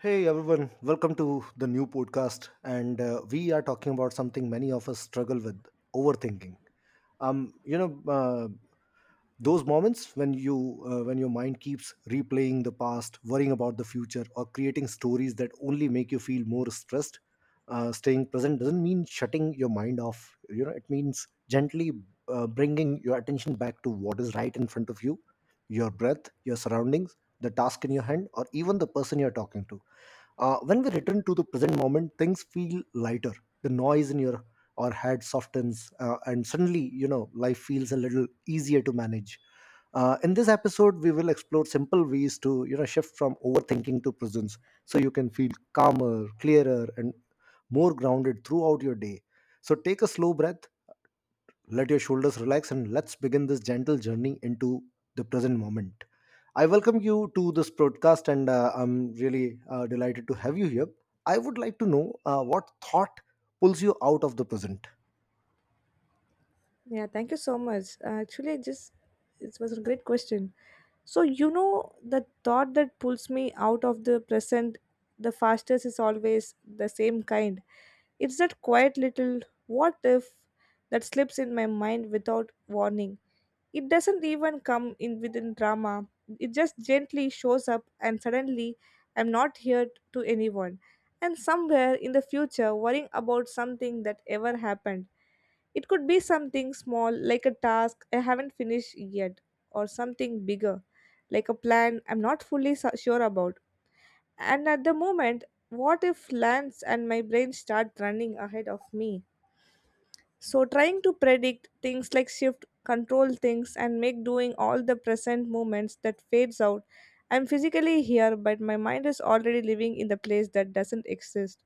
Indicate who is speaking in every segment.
Speaker 1: Hey everyone, welcome to the new podcast. And we are talking about something many of us struggle with overthinking. Um, you know, uh, those moments when you when your mind keeps replaying the past, worrying about the future, or creating stories that only make you feel more stressed. Staying present doesn't mean shutting your mind off. You know, it means gently bringing your attention back to what is right in front of you, your breath, your surroundings, the task in your hand, or even the person you're talking to. When we return to the present moment, things feel lighter. The noise in your or head softens, and suddenly, you know, life feels a little easier to manage. In this episode, we will explore simple ways to, you know, shift from overthinking to presence, so you can feel calmer, clearer, and more grounded throughout your day. So take a slow breath, let your shoulders relax and let's begin this gentle journey into the present moment. I welcome you to this broadcast and I'm really delighted to have you here. I would like to know what thought pulls you out of the present.
Speaker 2: Yeah, thank you so much. Actually, I just it was a great question. So you know the thought that pulls me out of the present the fastest is always the same kind. It's that quiet little what if that slips in my mind without warning. It doesn't even come in within drama. It just gently shows up and suddenly I'm not here to anyone. And somewhere in the future worrying about something that ever happened, it could be something small, like a task I haven't finished yet, or something bigger, like a plan I'm not fully sure about. And at the moment, what if lands and my brain start running ahead of me? So, trying to predict things like shift, control things, and make doing all the present moments that fades out. I'm physically here, but my mind is already living in the place that doesn't exist,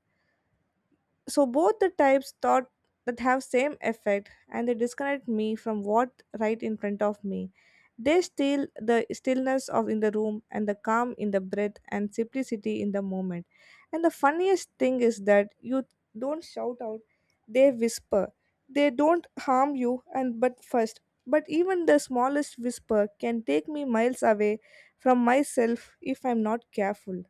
Speaker 2: so both the types thought that have same effect, and they disconnect me from what right in front of me. They steal the stillness of in the room and the calm in the breath and simplicity in the moment. And the funniest thing is that you don't shout out, they whisper. They don't harm you, and but first, but even the smallest whisper can take me miles away from myself if I'm not careful.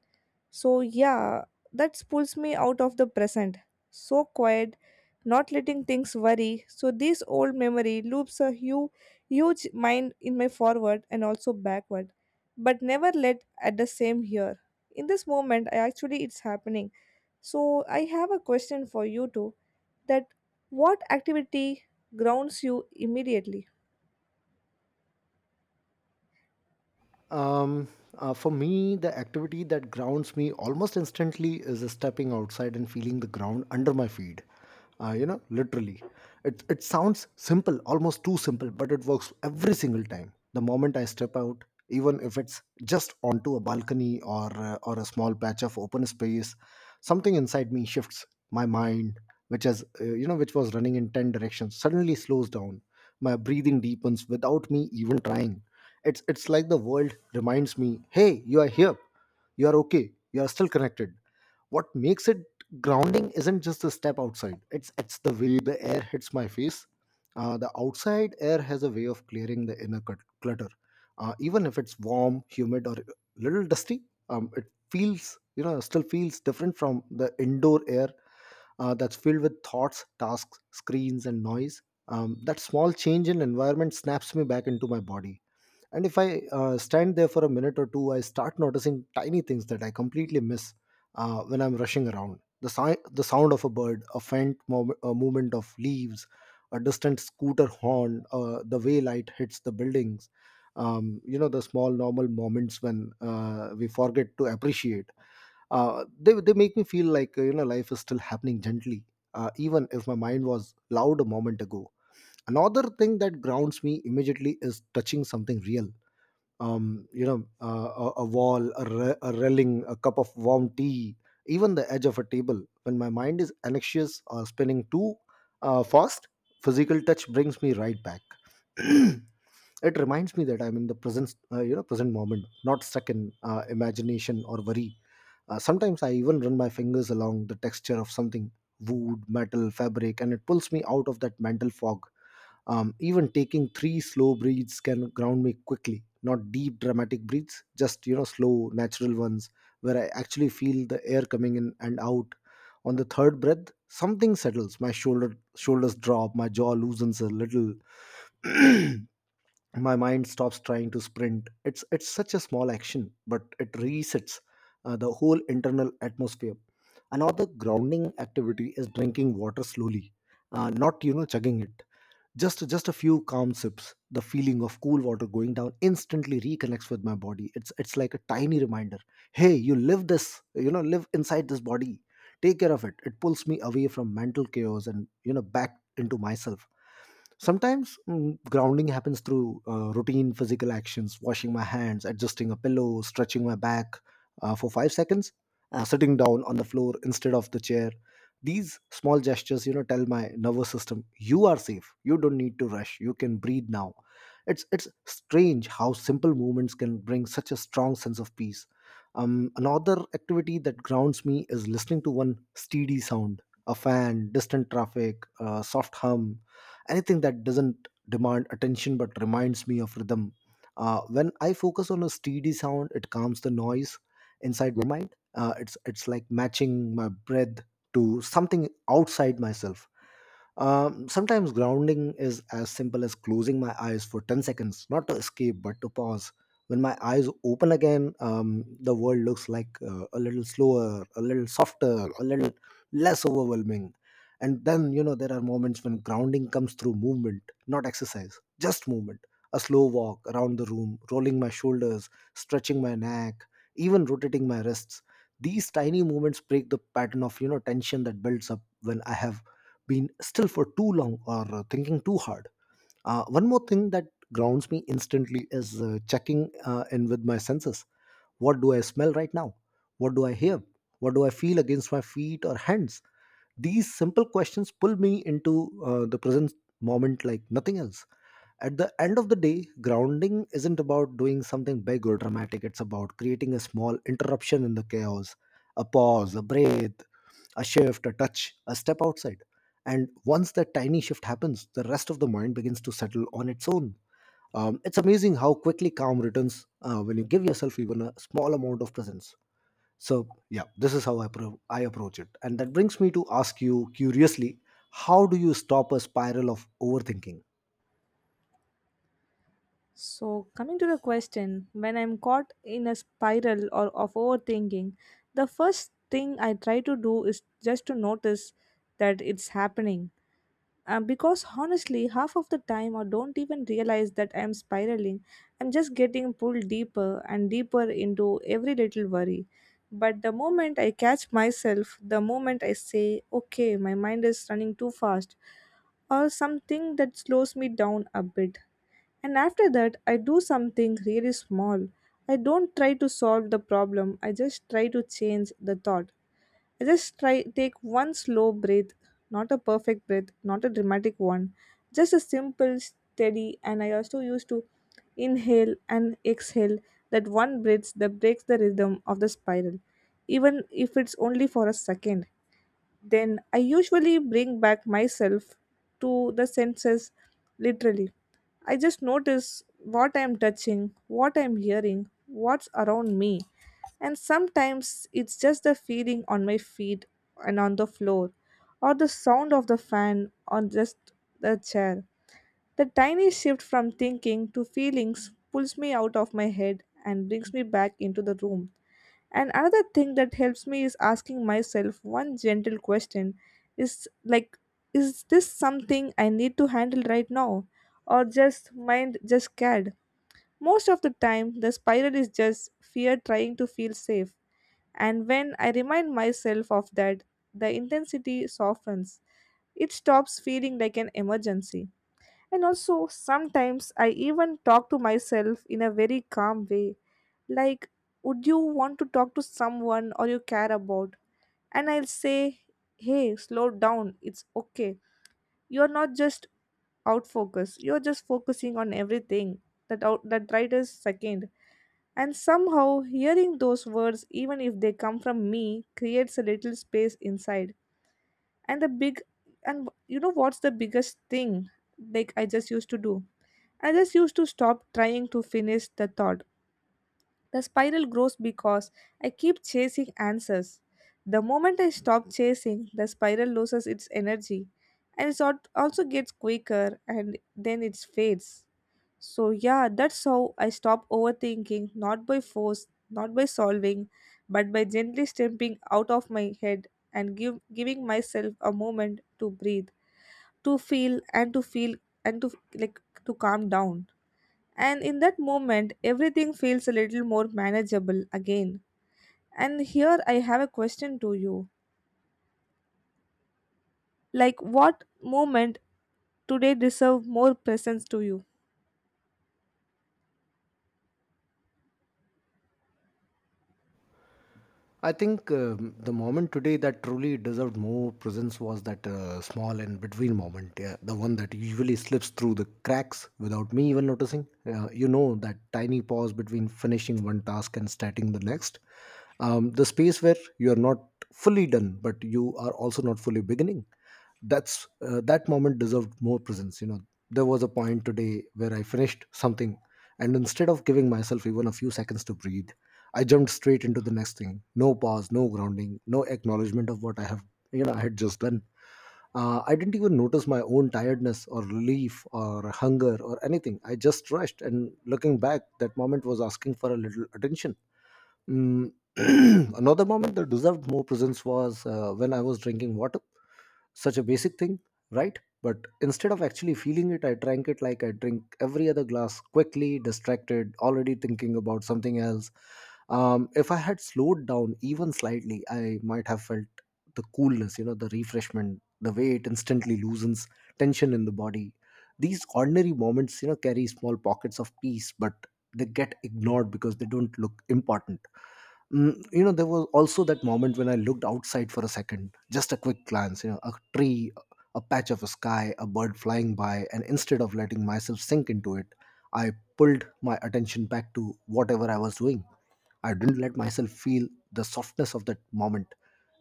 Speaker 2: So, yeah, that pulls me out of the present. So quiet, not letting things worry. So, this old memory loops a huge, huge mind in my forward and also backward, but never let at the same here. In this moment, I actually it's happening. So, I have a question for you too, that what activity grounds you immediately?
Speaker 1: Um, for me, the activity that grounds me almost instantly is stepping outside and feeling the ground under my feet. You know, literally. It sounds simple, almost too simple, but it works every single time. The moment I step out, even if it's just onto a balcony or a small patch of open space, something inside me shifts. My mind, which you know, which was running in 10 directions, suddenly slows down. My breathing deepens without me even trying it's like the world reminds me, "Hey, you are here. You are okay. You are still connected." What makes it grounding isn't just the step outside. It's the way the air hits my face. The outside air has a way of clearing the inner clutter, even if it's warm, humid, or a little dusty. It feels you know still feels different from the indoor air that's filled with thoughts, tasks, screens, and noise. That small change in environment snaps me back into my body and if I stand there for a minute or two, I start noticing tiny things that I completely miss when I'm rushing around. The sound of a bird, a a movement of leaves, a distant scooter horn, the way light hits the buildings. You know, the small normal moments when we forget to appreciate. They make me feel like, you know, life is still happening gently, even if my mind was loud a moment ago. Another thing that grounds me immediately is touching something real um, you know, uh, a wall, a railing, a cup of warm tea, even the edge of a table. When my mind is anxious or spinning too fast, physical touch brings me right back. It reminds me that I'm in the present, present moment, not stuck in imagination or worry. Sometimes I even run my fingers along the texture of something — wood, metal, fabric, and it pulls me out of that mental fog. Even taking three slow breaths can ground me quickly. Not deep, dramatic breaths, just you know, slow, natural ones where I actually feel the air coming in and out. On the third breath, something settles. My shoulders drop. My jaw loosens a little. My mind stops trying to sprint. It's such a small action, but it resets the whole internal atmosphere. Another grounding activity is drinking water slowly, not you know chugging it, just a few calm sips. The feeling of cool water going down instantly reconnects with my body. It's like a tiny reminder, hey, you live this you know live inside this body, take care of it. It pulls me away from mental chaos and you know back into myself. Sometimes grounding happens through routine physical actions, washing my hands, adjusting a pillow, stretching my back for 5 seconds, sitting down on the floor instead of the chair. These small gestures, you know, tell my nervous system, you are safe. You don't need to rush. You can breathe now. It's strange how simple movements can bring such a strong sense of peace. Another activity that grounds me is listening to one steady sound, a fan, distant traffic, a soft hum, anything that doesn't demand attention but reminds me of rhythm. When I focus on a steady sound, it calms the noise inside my mind. It's like matching my breath to something outside myself. Sometimes grounding is as simple as closing my eyes for 10 seconds, not to escape, but to pause. When my eyes open again, the world looks like a little slower, a little softer, a little less overwhelming. And then, you know, there are moments when grounding comes through movement, not exercise, just movement. A slow walk around the room, rolling my shoulders, stretching my neck, even rotating my wrists. These tiny movements break the pattern of, you know, tension that builds up when I have been still for too long or thinking too hard. One more thing that grounds me instantly is checking in with my senses. What do I smell right now? What do I hear? What do I feel against my feet or hands? These simple questions pull me into the present moment like nothing else. At the end of the day, grounding isn't about doing something big or dramatic, it's about creating a small interruption in the chaos, a pause, a breath, a shift, a touch, a step outside. And once that tiny shift happens, the rest of the mind begins to settle on its own. It's amazing how quickly calm returns when you give yourself even a small amount of presence. So, yeah, this is how I approach it. And that brings me to ask you curiously, how do you stop a spiral of overthinking?
Speaker 2: So, coming to the question, when I'm caught in a spiral or of overthinking, the first thing I try to do is just to notice that it's happening, because honestly, half of the time I don't even realize that I'm spiraling. I'm just getting pulled deeper and deeper into every little worry. But the moment I catch myself, the moment I say, okay, my mind is running too fast, or something that slows me down a bit. And after that, I do something really small. I don't try to solve the problem, I just try to change the thought. I just try take one slow breath, not a perfect breath, not a dramatic one, just a simple, steady. And I also used to inhale and exhale that one breath that breaks the rhythm of the spiral, even if it's only for a second. Then I usually bring back myself to the senses literally. I just notice what I'm touching, what I'm hearing, what's around me. And sometimes it's just the feeling on my feet and on the floor, or the sound of the fan on just the chair. The tiny shift from thinking to feelings pulls me out of my head and brings me back into the room. And another thing that helps me is asking myself one gentle question, is like, is this something I need to handle right now? Or just mind just scared? Most of the time, the spiral is just fear trying to feel safe. And when I remind myself of that, the intensity softens. It stops feeling like an emergency. And also, sometimes I even talk to myself in a very calm way, like, would you want to talk to someone or you care about? And I'll say, hey, slow down, it's okay. You're not just out focus, you're just focusing on everything that out that right is second. And somehow, hearing those words, even if they come from me, creates a little space inside. And the big, and you know what's the biggest thing like I just used to do? I just used to stop trying to finish the thought. The spiral grows because I keep chasing answers. The moment I stop chasing, the spiral loses its energy, and it also gets quicker and then it fades. So, yeah, that's how I stop overthinking, not by force, not by solving, but by gently stepping out of my head and giving myself a moment to breathe, to feel, and to feel, and to like to calm down. And in that moment, everything feels a little more manageable again. And here I have a question to you. Like, what moment today deserve more presence to you?
Speaker 1: I think the moment today that truly deserved more presence was that small and between moment, yeah, the one that usually slips through the cracks without me even noticing. You know, that tiny pause between finishing one task and starting the next. The space where you're not fully done, but you are also not fully beginning. That moment deserved more presence. You know, there was a point today where I finished something, and instead of giving myself even a few seconds to breathe, I jumped straight into the next thing. No pause, no grounding, no acknowledgement of what I have, you know, I had just done. I didn't even notice my own tiredness or relief or hunger or anything. I just rushed, and looking back, that moment was asking for a little attention. Mm. Another moment that deserved more presence was when I was drinking water, such a basic thing, right? But instead of actually feeling it, I drank it like I drink every other glass, quickly, distracted, already thinking about something else. If I had slowed down even slightly, I might have felt the coolness, you know, the refreshment, the way it instantly loosens tension in the body. These ordinary moments, you know, carry small pockets of peace, but they get ignored because they don't look important. Mm, you know, there was also that moment when I looked outside for a second, just a quick glance, you know, a tree, a patch of sky, a bird flying by, and instead of letting myself sink into it, I pulled my attention back to whatever I was doing. I didn't let myself feel the softness of that moment.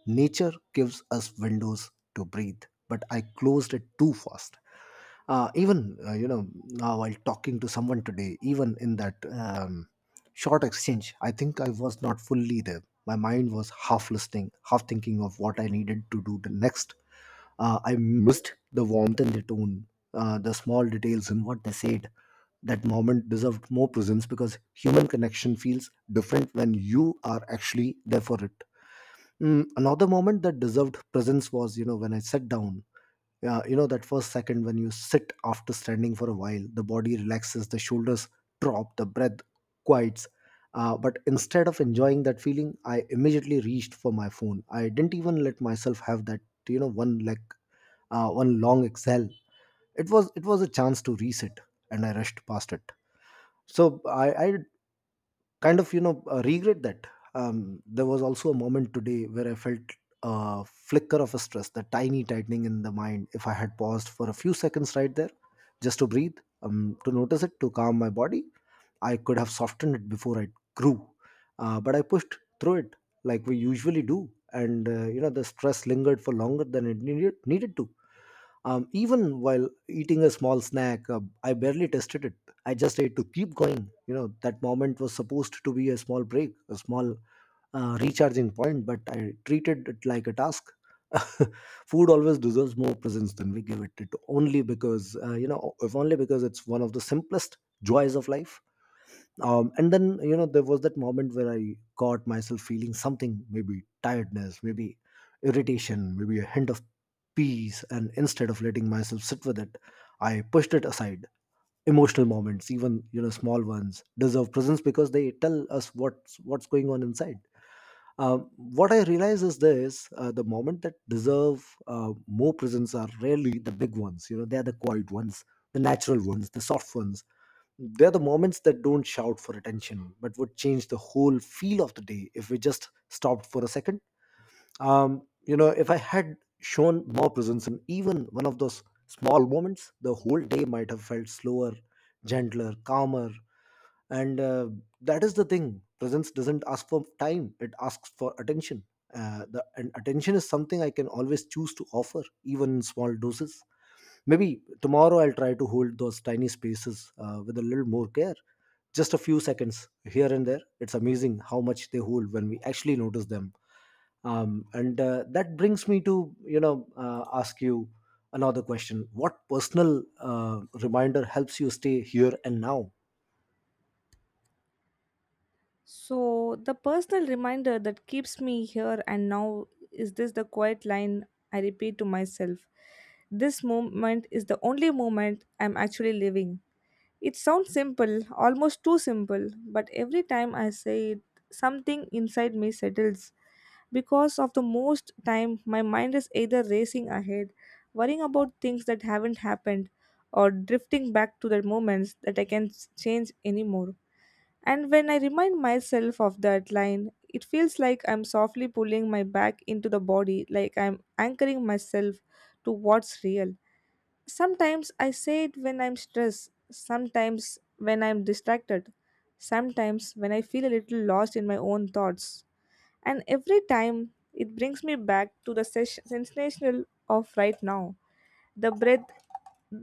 Speaker 1: Nature gives us windows to breathe, but I closed it too fast. Even while talking to someone today, even in that short exchange, I think I was not fully there. My mind was half listening, half thinking of what I needed to do the next. I missed the warmth in the tone, the small details in what they said. That moment deserved more presence because human connection feels different when you are actually there for it. Mm, another moment that deserved presence was, you know, when I sat down. You know, that first second when you sit after standing for a while, the body relaxes, the shoulders drop, the breath quiets. But instead of enjoying that feeling, I immediately reached for my phone. I didn't even let myself have that, you know, one long exhale. It was a chance to reset, and I rushed past it. So I regret that. There was also a moment today where I felt a flicker of a stress, the tiny tightening in the mind. If I had paused for a few seconds right there just to breathe, to notice it, to calm my body, I could have softened it before it grew. But I pushed through it like we usually do, and the stress lingered for longer than it needed to. Even while eating a small snack, I barely tested it. I just ate to keep going. You know, that moment was supposed to be a small break, a small recharging point, but I treated it like a task. Food always deserves more presence than we give it. It only because if only because it's one of the simplest joys of life. And then, there was that moment where I caught myself feeling something, maybe tiredness, maybe irritation, maybe a hint of peace, and instead of letting myself sit with it, I pushed it aside. Emotional moments, even small ones, deserve presence because they tell us what's going on inside. What I realize is this: the moment that deserve more presence are rarely the big ones. You know, they're the quiet ones, the natural ones, the soft ones. They're the moments that don't shout for attention, but would change the whole feel of the day if we just stopped for a second. You know, if I had shown more presence in even one of those small moments, the whole day might have felt slower, gentler, calmer. And that is the thing: presence doesn't ask for time, it asks for attention. And attention is something I can always choose to offer, even in small doses. Maybe tomorrow I'll try to hold those tiny spaces with a little more care. Just a few seconds here and there. It's amazing how much they hold when we actually notice them. And that brings me to, ask you another question. What personal reminder helps you stay here and now?
Speaker 2: So, the personal reminder that keeps me here and now is this, the quiet line I repeat to myself. This moment is the only moment I'm actually living. It sounds simple, almost too simple, but every time I say it, something inside me settles. Because of the most time, my mind is either racing ahead, worrying about things that haven't happened, or drifting back to the moments that I can not change anymore. And when I remind myself of that line, it feels like I'm softly pulling my back into the body, like I'm anchoring myself to what's real. Sometimes I say it when I'm stressed, sometimes when I'm distracted, sometimes when I feel a little lost in my own thoughts. And every time it brings me back to the sensational of right now, the breath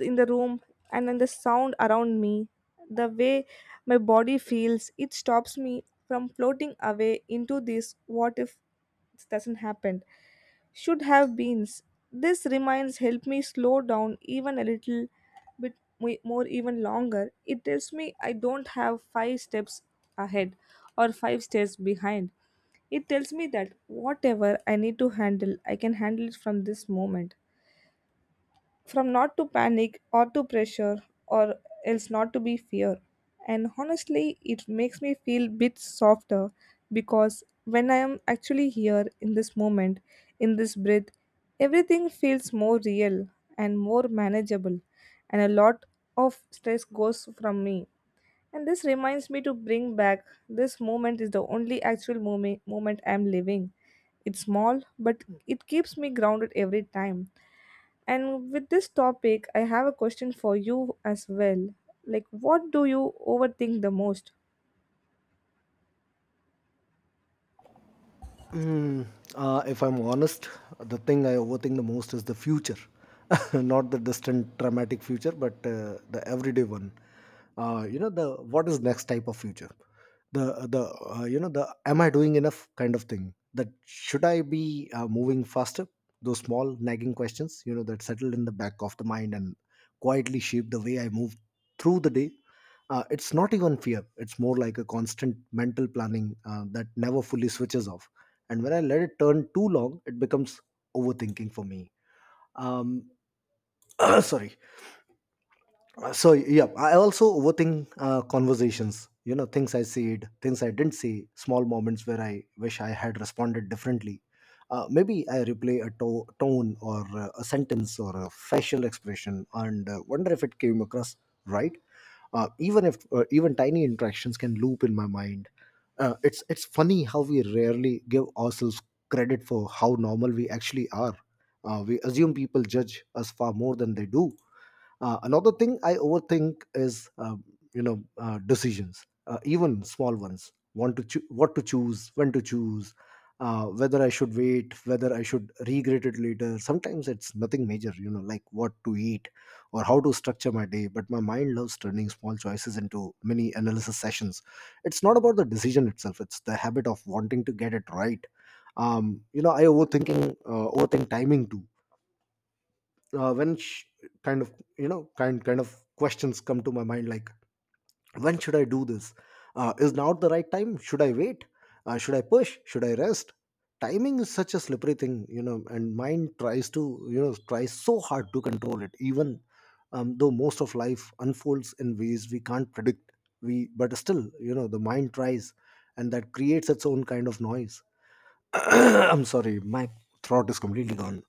Speaker 2: in the room, and then the sound around me, the way my body feels. It stops me from floating away into this what if it doesn't happen. Should have beens. This reminds help me slow down even a little bit more, even longer. It tells me I don't have five steps ahead or five steps behind. It tells me that whatever I need to handle, I can handle it from this moment, from not to panic or to pressure or else not to be fear. And honestly, it makes me feel bit softer, because when I am actually here in this moment, in this breath, everything feels more real and more manageable, and a lot of stress goes from me. And this reminds me to bring back, this moment is the only actual moment I am living. It's small, but it keeps me grounded every time. And with this topic, I have a question for you as well. Like, what do you overthink the most?
Speaker 1: Hmm, if I'm honest, the thing I overthink the most is the future. Not the distant, dramatic future, but the everyday one. You know, the what is next type of future. The you know, the am I doing enough kind of thing. That should I be moving faster? Those small nagging questions, you know, that settle in the back of the mind and quietly shape the way I move through the day. It's not even fear; it's more like a constant mental planning that never fully switches off, and when I let it turn too long it becomes overthinking for me. um Sorry. So yeah, I also overthink conversations, you know, things I said, things I didn't say, small moments where I wish I had responded differently. Maybe I replay a tone or a sentence or a facial expression and wonder if it came across right. Even if Even tiny interactions can loop in my mind. It's funny how we rarely give ourselves credit for how normal we actually are. We assume people judge us far more than they do. Another thing I overthink is, decisions, even small ones. What to choose, when to choose, whether I should wait, whether I should regret it later. Sometimes it's nothing major, you know, like what to eat or how to structure my day. But my mind loves turning small choices into mini analysis sessions. It's not about the decision itself; it's the habit of wanting to get it right. You know, I overthink timing too. Uh, when sh- kind of you know kind kind of questions come to my mind, like when should I do this? Is now the right time? Should I wait? Should I push? Should I rest? Timing is such a slippery thing, you know, and mind tries to, tries so hard to control it, even though most of life unfolds in ways we can't predict. We But still, you know, the mind tries, and that creates its own kind of noise. I'm sorry, my throat is completely gone.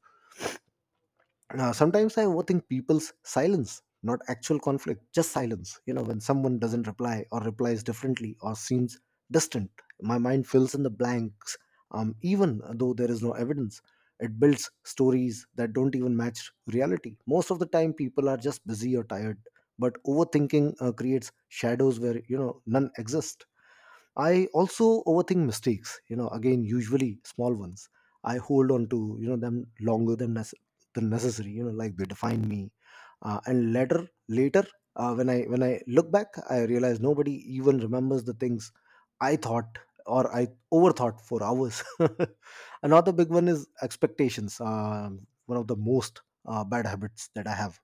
Speaker 1: Uh, sometimes I overthink people's silence, not actual conflict, just silence. You know, when someone doesn't reply or replies differently or seems distant, my mind fills in the blanks, even though there is no evidence. It builds stories that don't even match reality. Most of the time, people are just busy or tired, but overthinking creates shadows where, you know, none exist. I also overthink mistakes, you know, again, usually small ones. I hold on to, you know, them longer than, than necessary, you know, like they define me. And later, when I look back, I realize nobody even remembers the things I thought or I overthought for hours. Another big one is expectations. Um, one of the most bad habits that I have.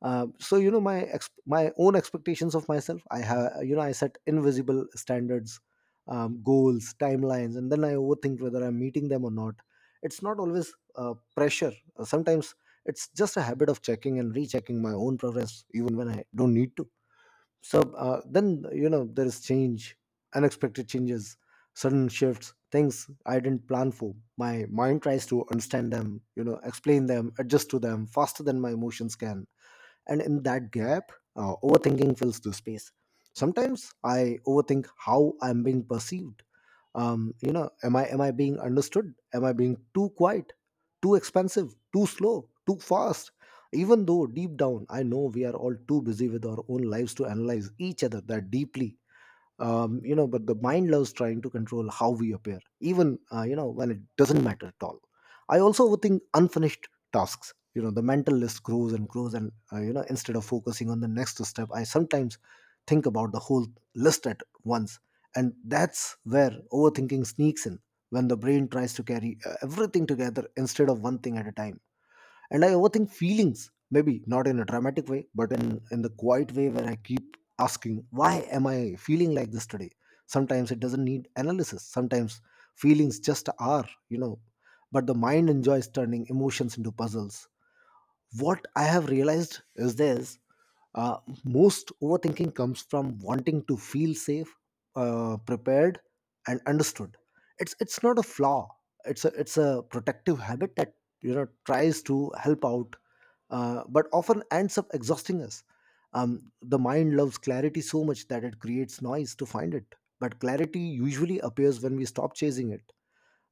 Speaker 1: My own expectations of myself. I have, you know, I set invisible standards, goals, timelines, and then I overthink whether I'm meeting them or not. It's not always pressure. Sometimes it's just a habit of checking and rechecking my own progress, even when I don't need to. So then, you know, there is change, unexpected changes, sudden shifts, things I didn't plan for. My mind tries to understand them, you know, explain them, adjust to them faster than my emotions can. And in that gap, overthinking fills the space. Sometimes I overthink how I'm being perceived, you know, am I being understood? Am I being too quiet, too expensive, too slow, too fast? Even though deep down I know we are all too busy with our own lives to analyze each other that deeply. You know, but the mind loves trying to control how we appear, even you know, when it doesn't matter at all. I also overthink unfinished tasks. You know, the mental list grows and grows, and you know, instead of focusing on the next step, I sometimes think about the whole list at once, and that's where overthinking sneaks in, when the brain tries to carry everything together instead of one thing at a time. And I overthink feelings, maybe not in a dramatic way, but in the quiet way where I keep asking why am I feeling like this today. Sometimes it doesn't need analysis. Sometimes feelings just are, you know. But the mind enjoys turning emotions into puzzles. What I have realized is this: uh, most overthinking comes from wanting to feel safe, prepared, and understood. It's not a flaw, it's a protective habit that, you know, tries to help out, but often ends up exhausting us. The mind loves clarity so much that it creates noise to find it. But clarity usually appears when we stop chasing it.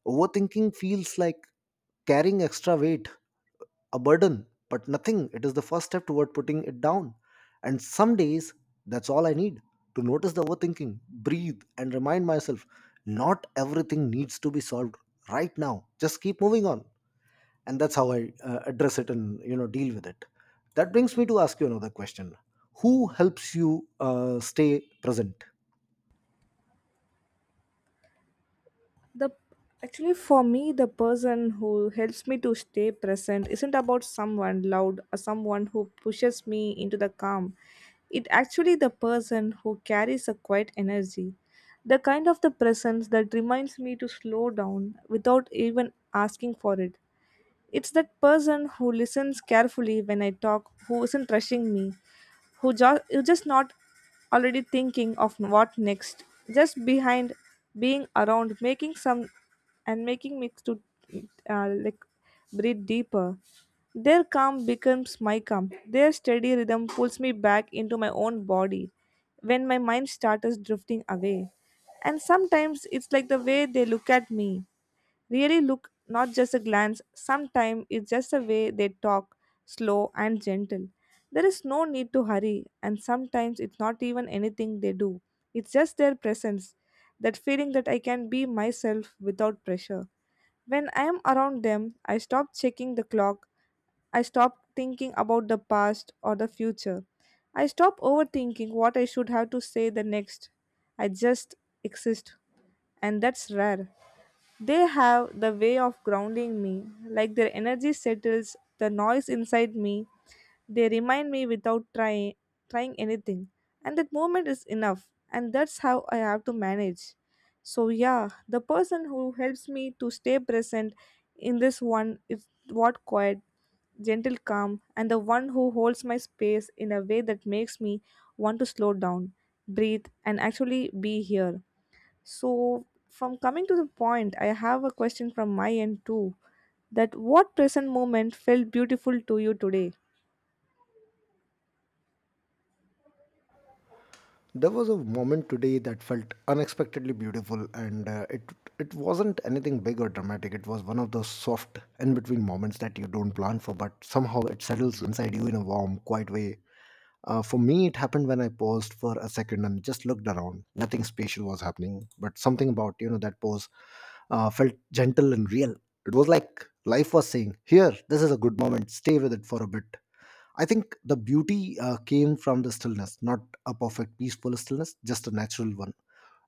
Speaker 1: Overthinking feels like carrying extra weight, a burden, but nothing. It is the first step toward putting it down. And some days, that's all I need, to notice the overthinking, breathe, and remind myself not everything needs to be solved right now. Just keep moving on, and that's how I address it and, you know, deal with it. That brings me to ask you another question. Who helps you stay present?
Speaker 2: The Actually, for me, the person who helps me to stay present isn't about someone loud or someone who pushes me into the calm. It actually the person who carries a quiet energy, the kind of the presence that reminds me to slow down without even asking for it. It's that person who listens carefully when I talk, who isn't rushing me, who just not already thinking of what next, just behind being around making some, and making me to like breathe deeper. Their calm becomes my calm. Their steady rhythm pulls me back into my own body when my mind starts drifting away. And sometimes it's like the way they look at me, really look, not just a glance. Sometimes it's just the way they talk, slow and gentle. There is no need to hurry, and sometimes it's not even anything they do. It's just their presence, that feeling that I can be myself without pressure. When I am around them, I stop checking the clock. I stop thinking about the past or the future. I stop overthinking what I should have to say the next. I just exist, and that's rare. They have the way of grounding me, like their energy settles the noise inside me. They remind me without trying anything, and that moment is enough, and that's how I have to manage. So, yeah, the person who helps me to stay present in this one is what quiet, gentle, calm, and the one who holds my space in a way that makes me want to slow down, breathe, and actually be here. So, from coming to the point, I have a question from my end too. That what present moment felt beautiful to you today?
Speaker 1: There was a moment today that felt unexpectedly beautiful, and it wasn't anything big or dramatic. It was one of those soft in between moments that you don't plan for, but somehow it settles inside you in a warm, quiet way. For me, it happened when I paused for a second and just looked around. Nothing special was happening, but something about, you know, that pause felt gentle and real. It was like life was saying, "Here, this is a good moment. Stay with it for a bit." I think the beauty came from the stillness, not a perfect, peaceful stillness, just a natural one.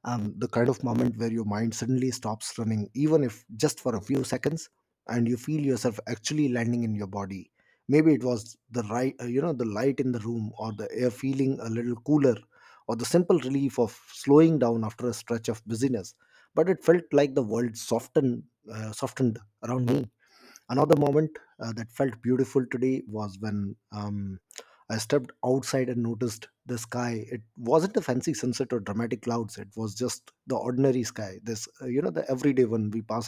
Speaker 1: The kind of moment where your mind suddenly stops running, even if just for a few seconds, and you feel yourself actually landing in your body. Maybe it was the right, you know, the light in the room, or the air feeling a little cooler, or the simple relief of slowing down after a stretch of busyness. But it felt like the world softened, uh, softened around me. Another moment that felt beautiful today was when I stepped outside and noticed the sky. It wasn't a fancy sunset or dramatic clouds. It was just the ordinary sky. This, the everyday one we pass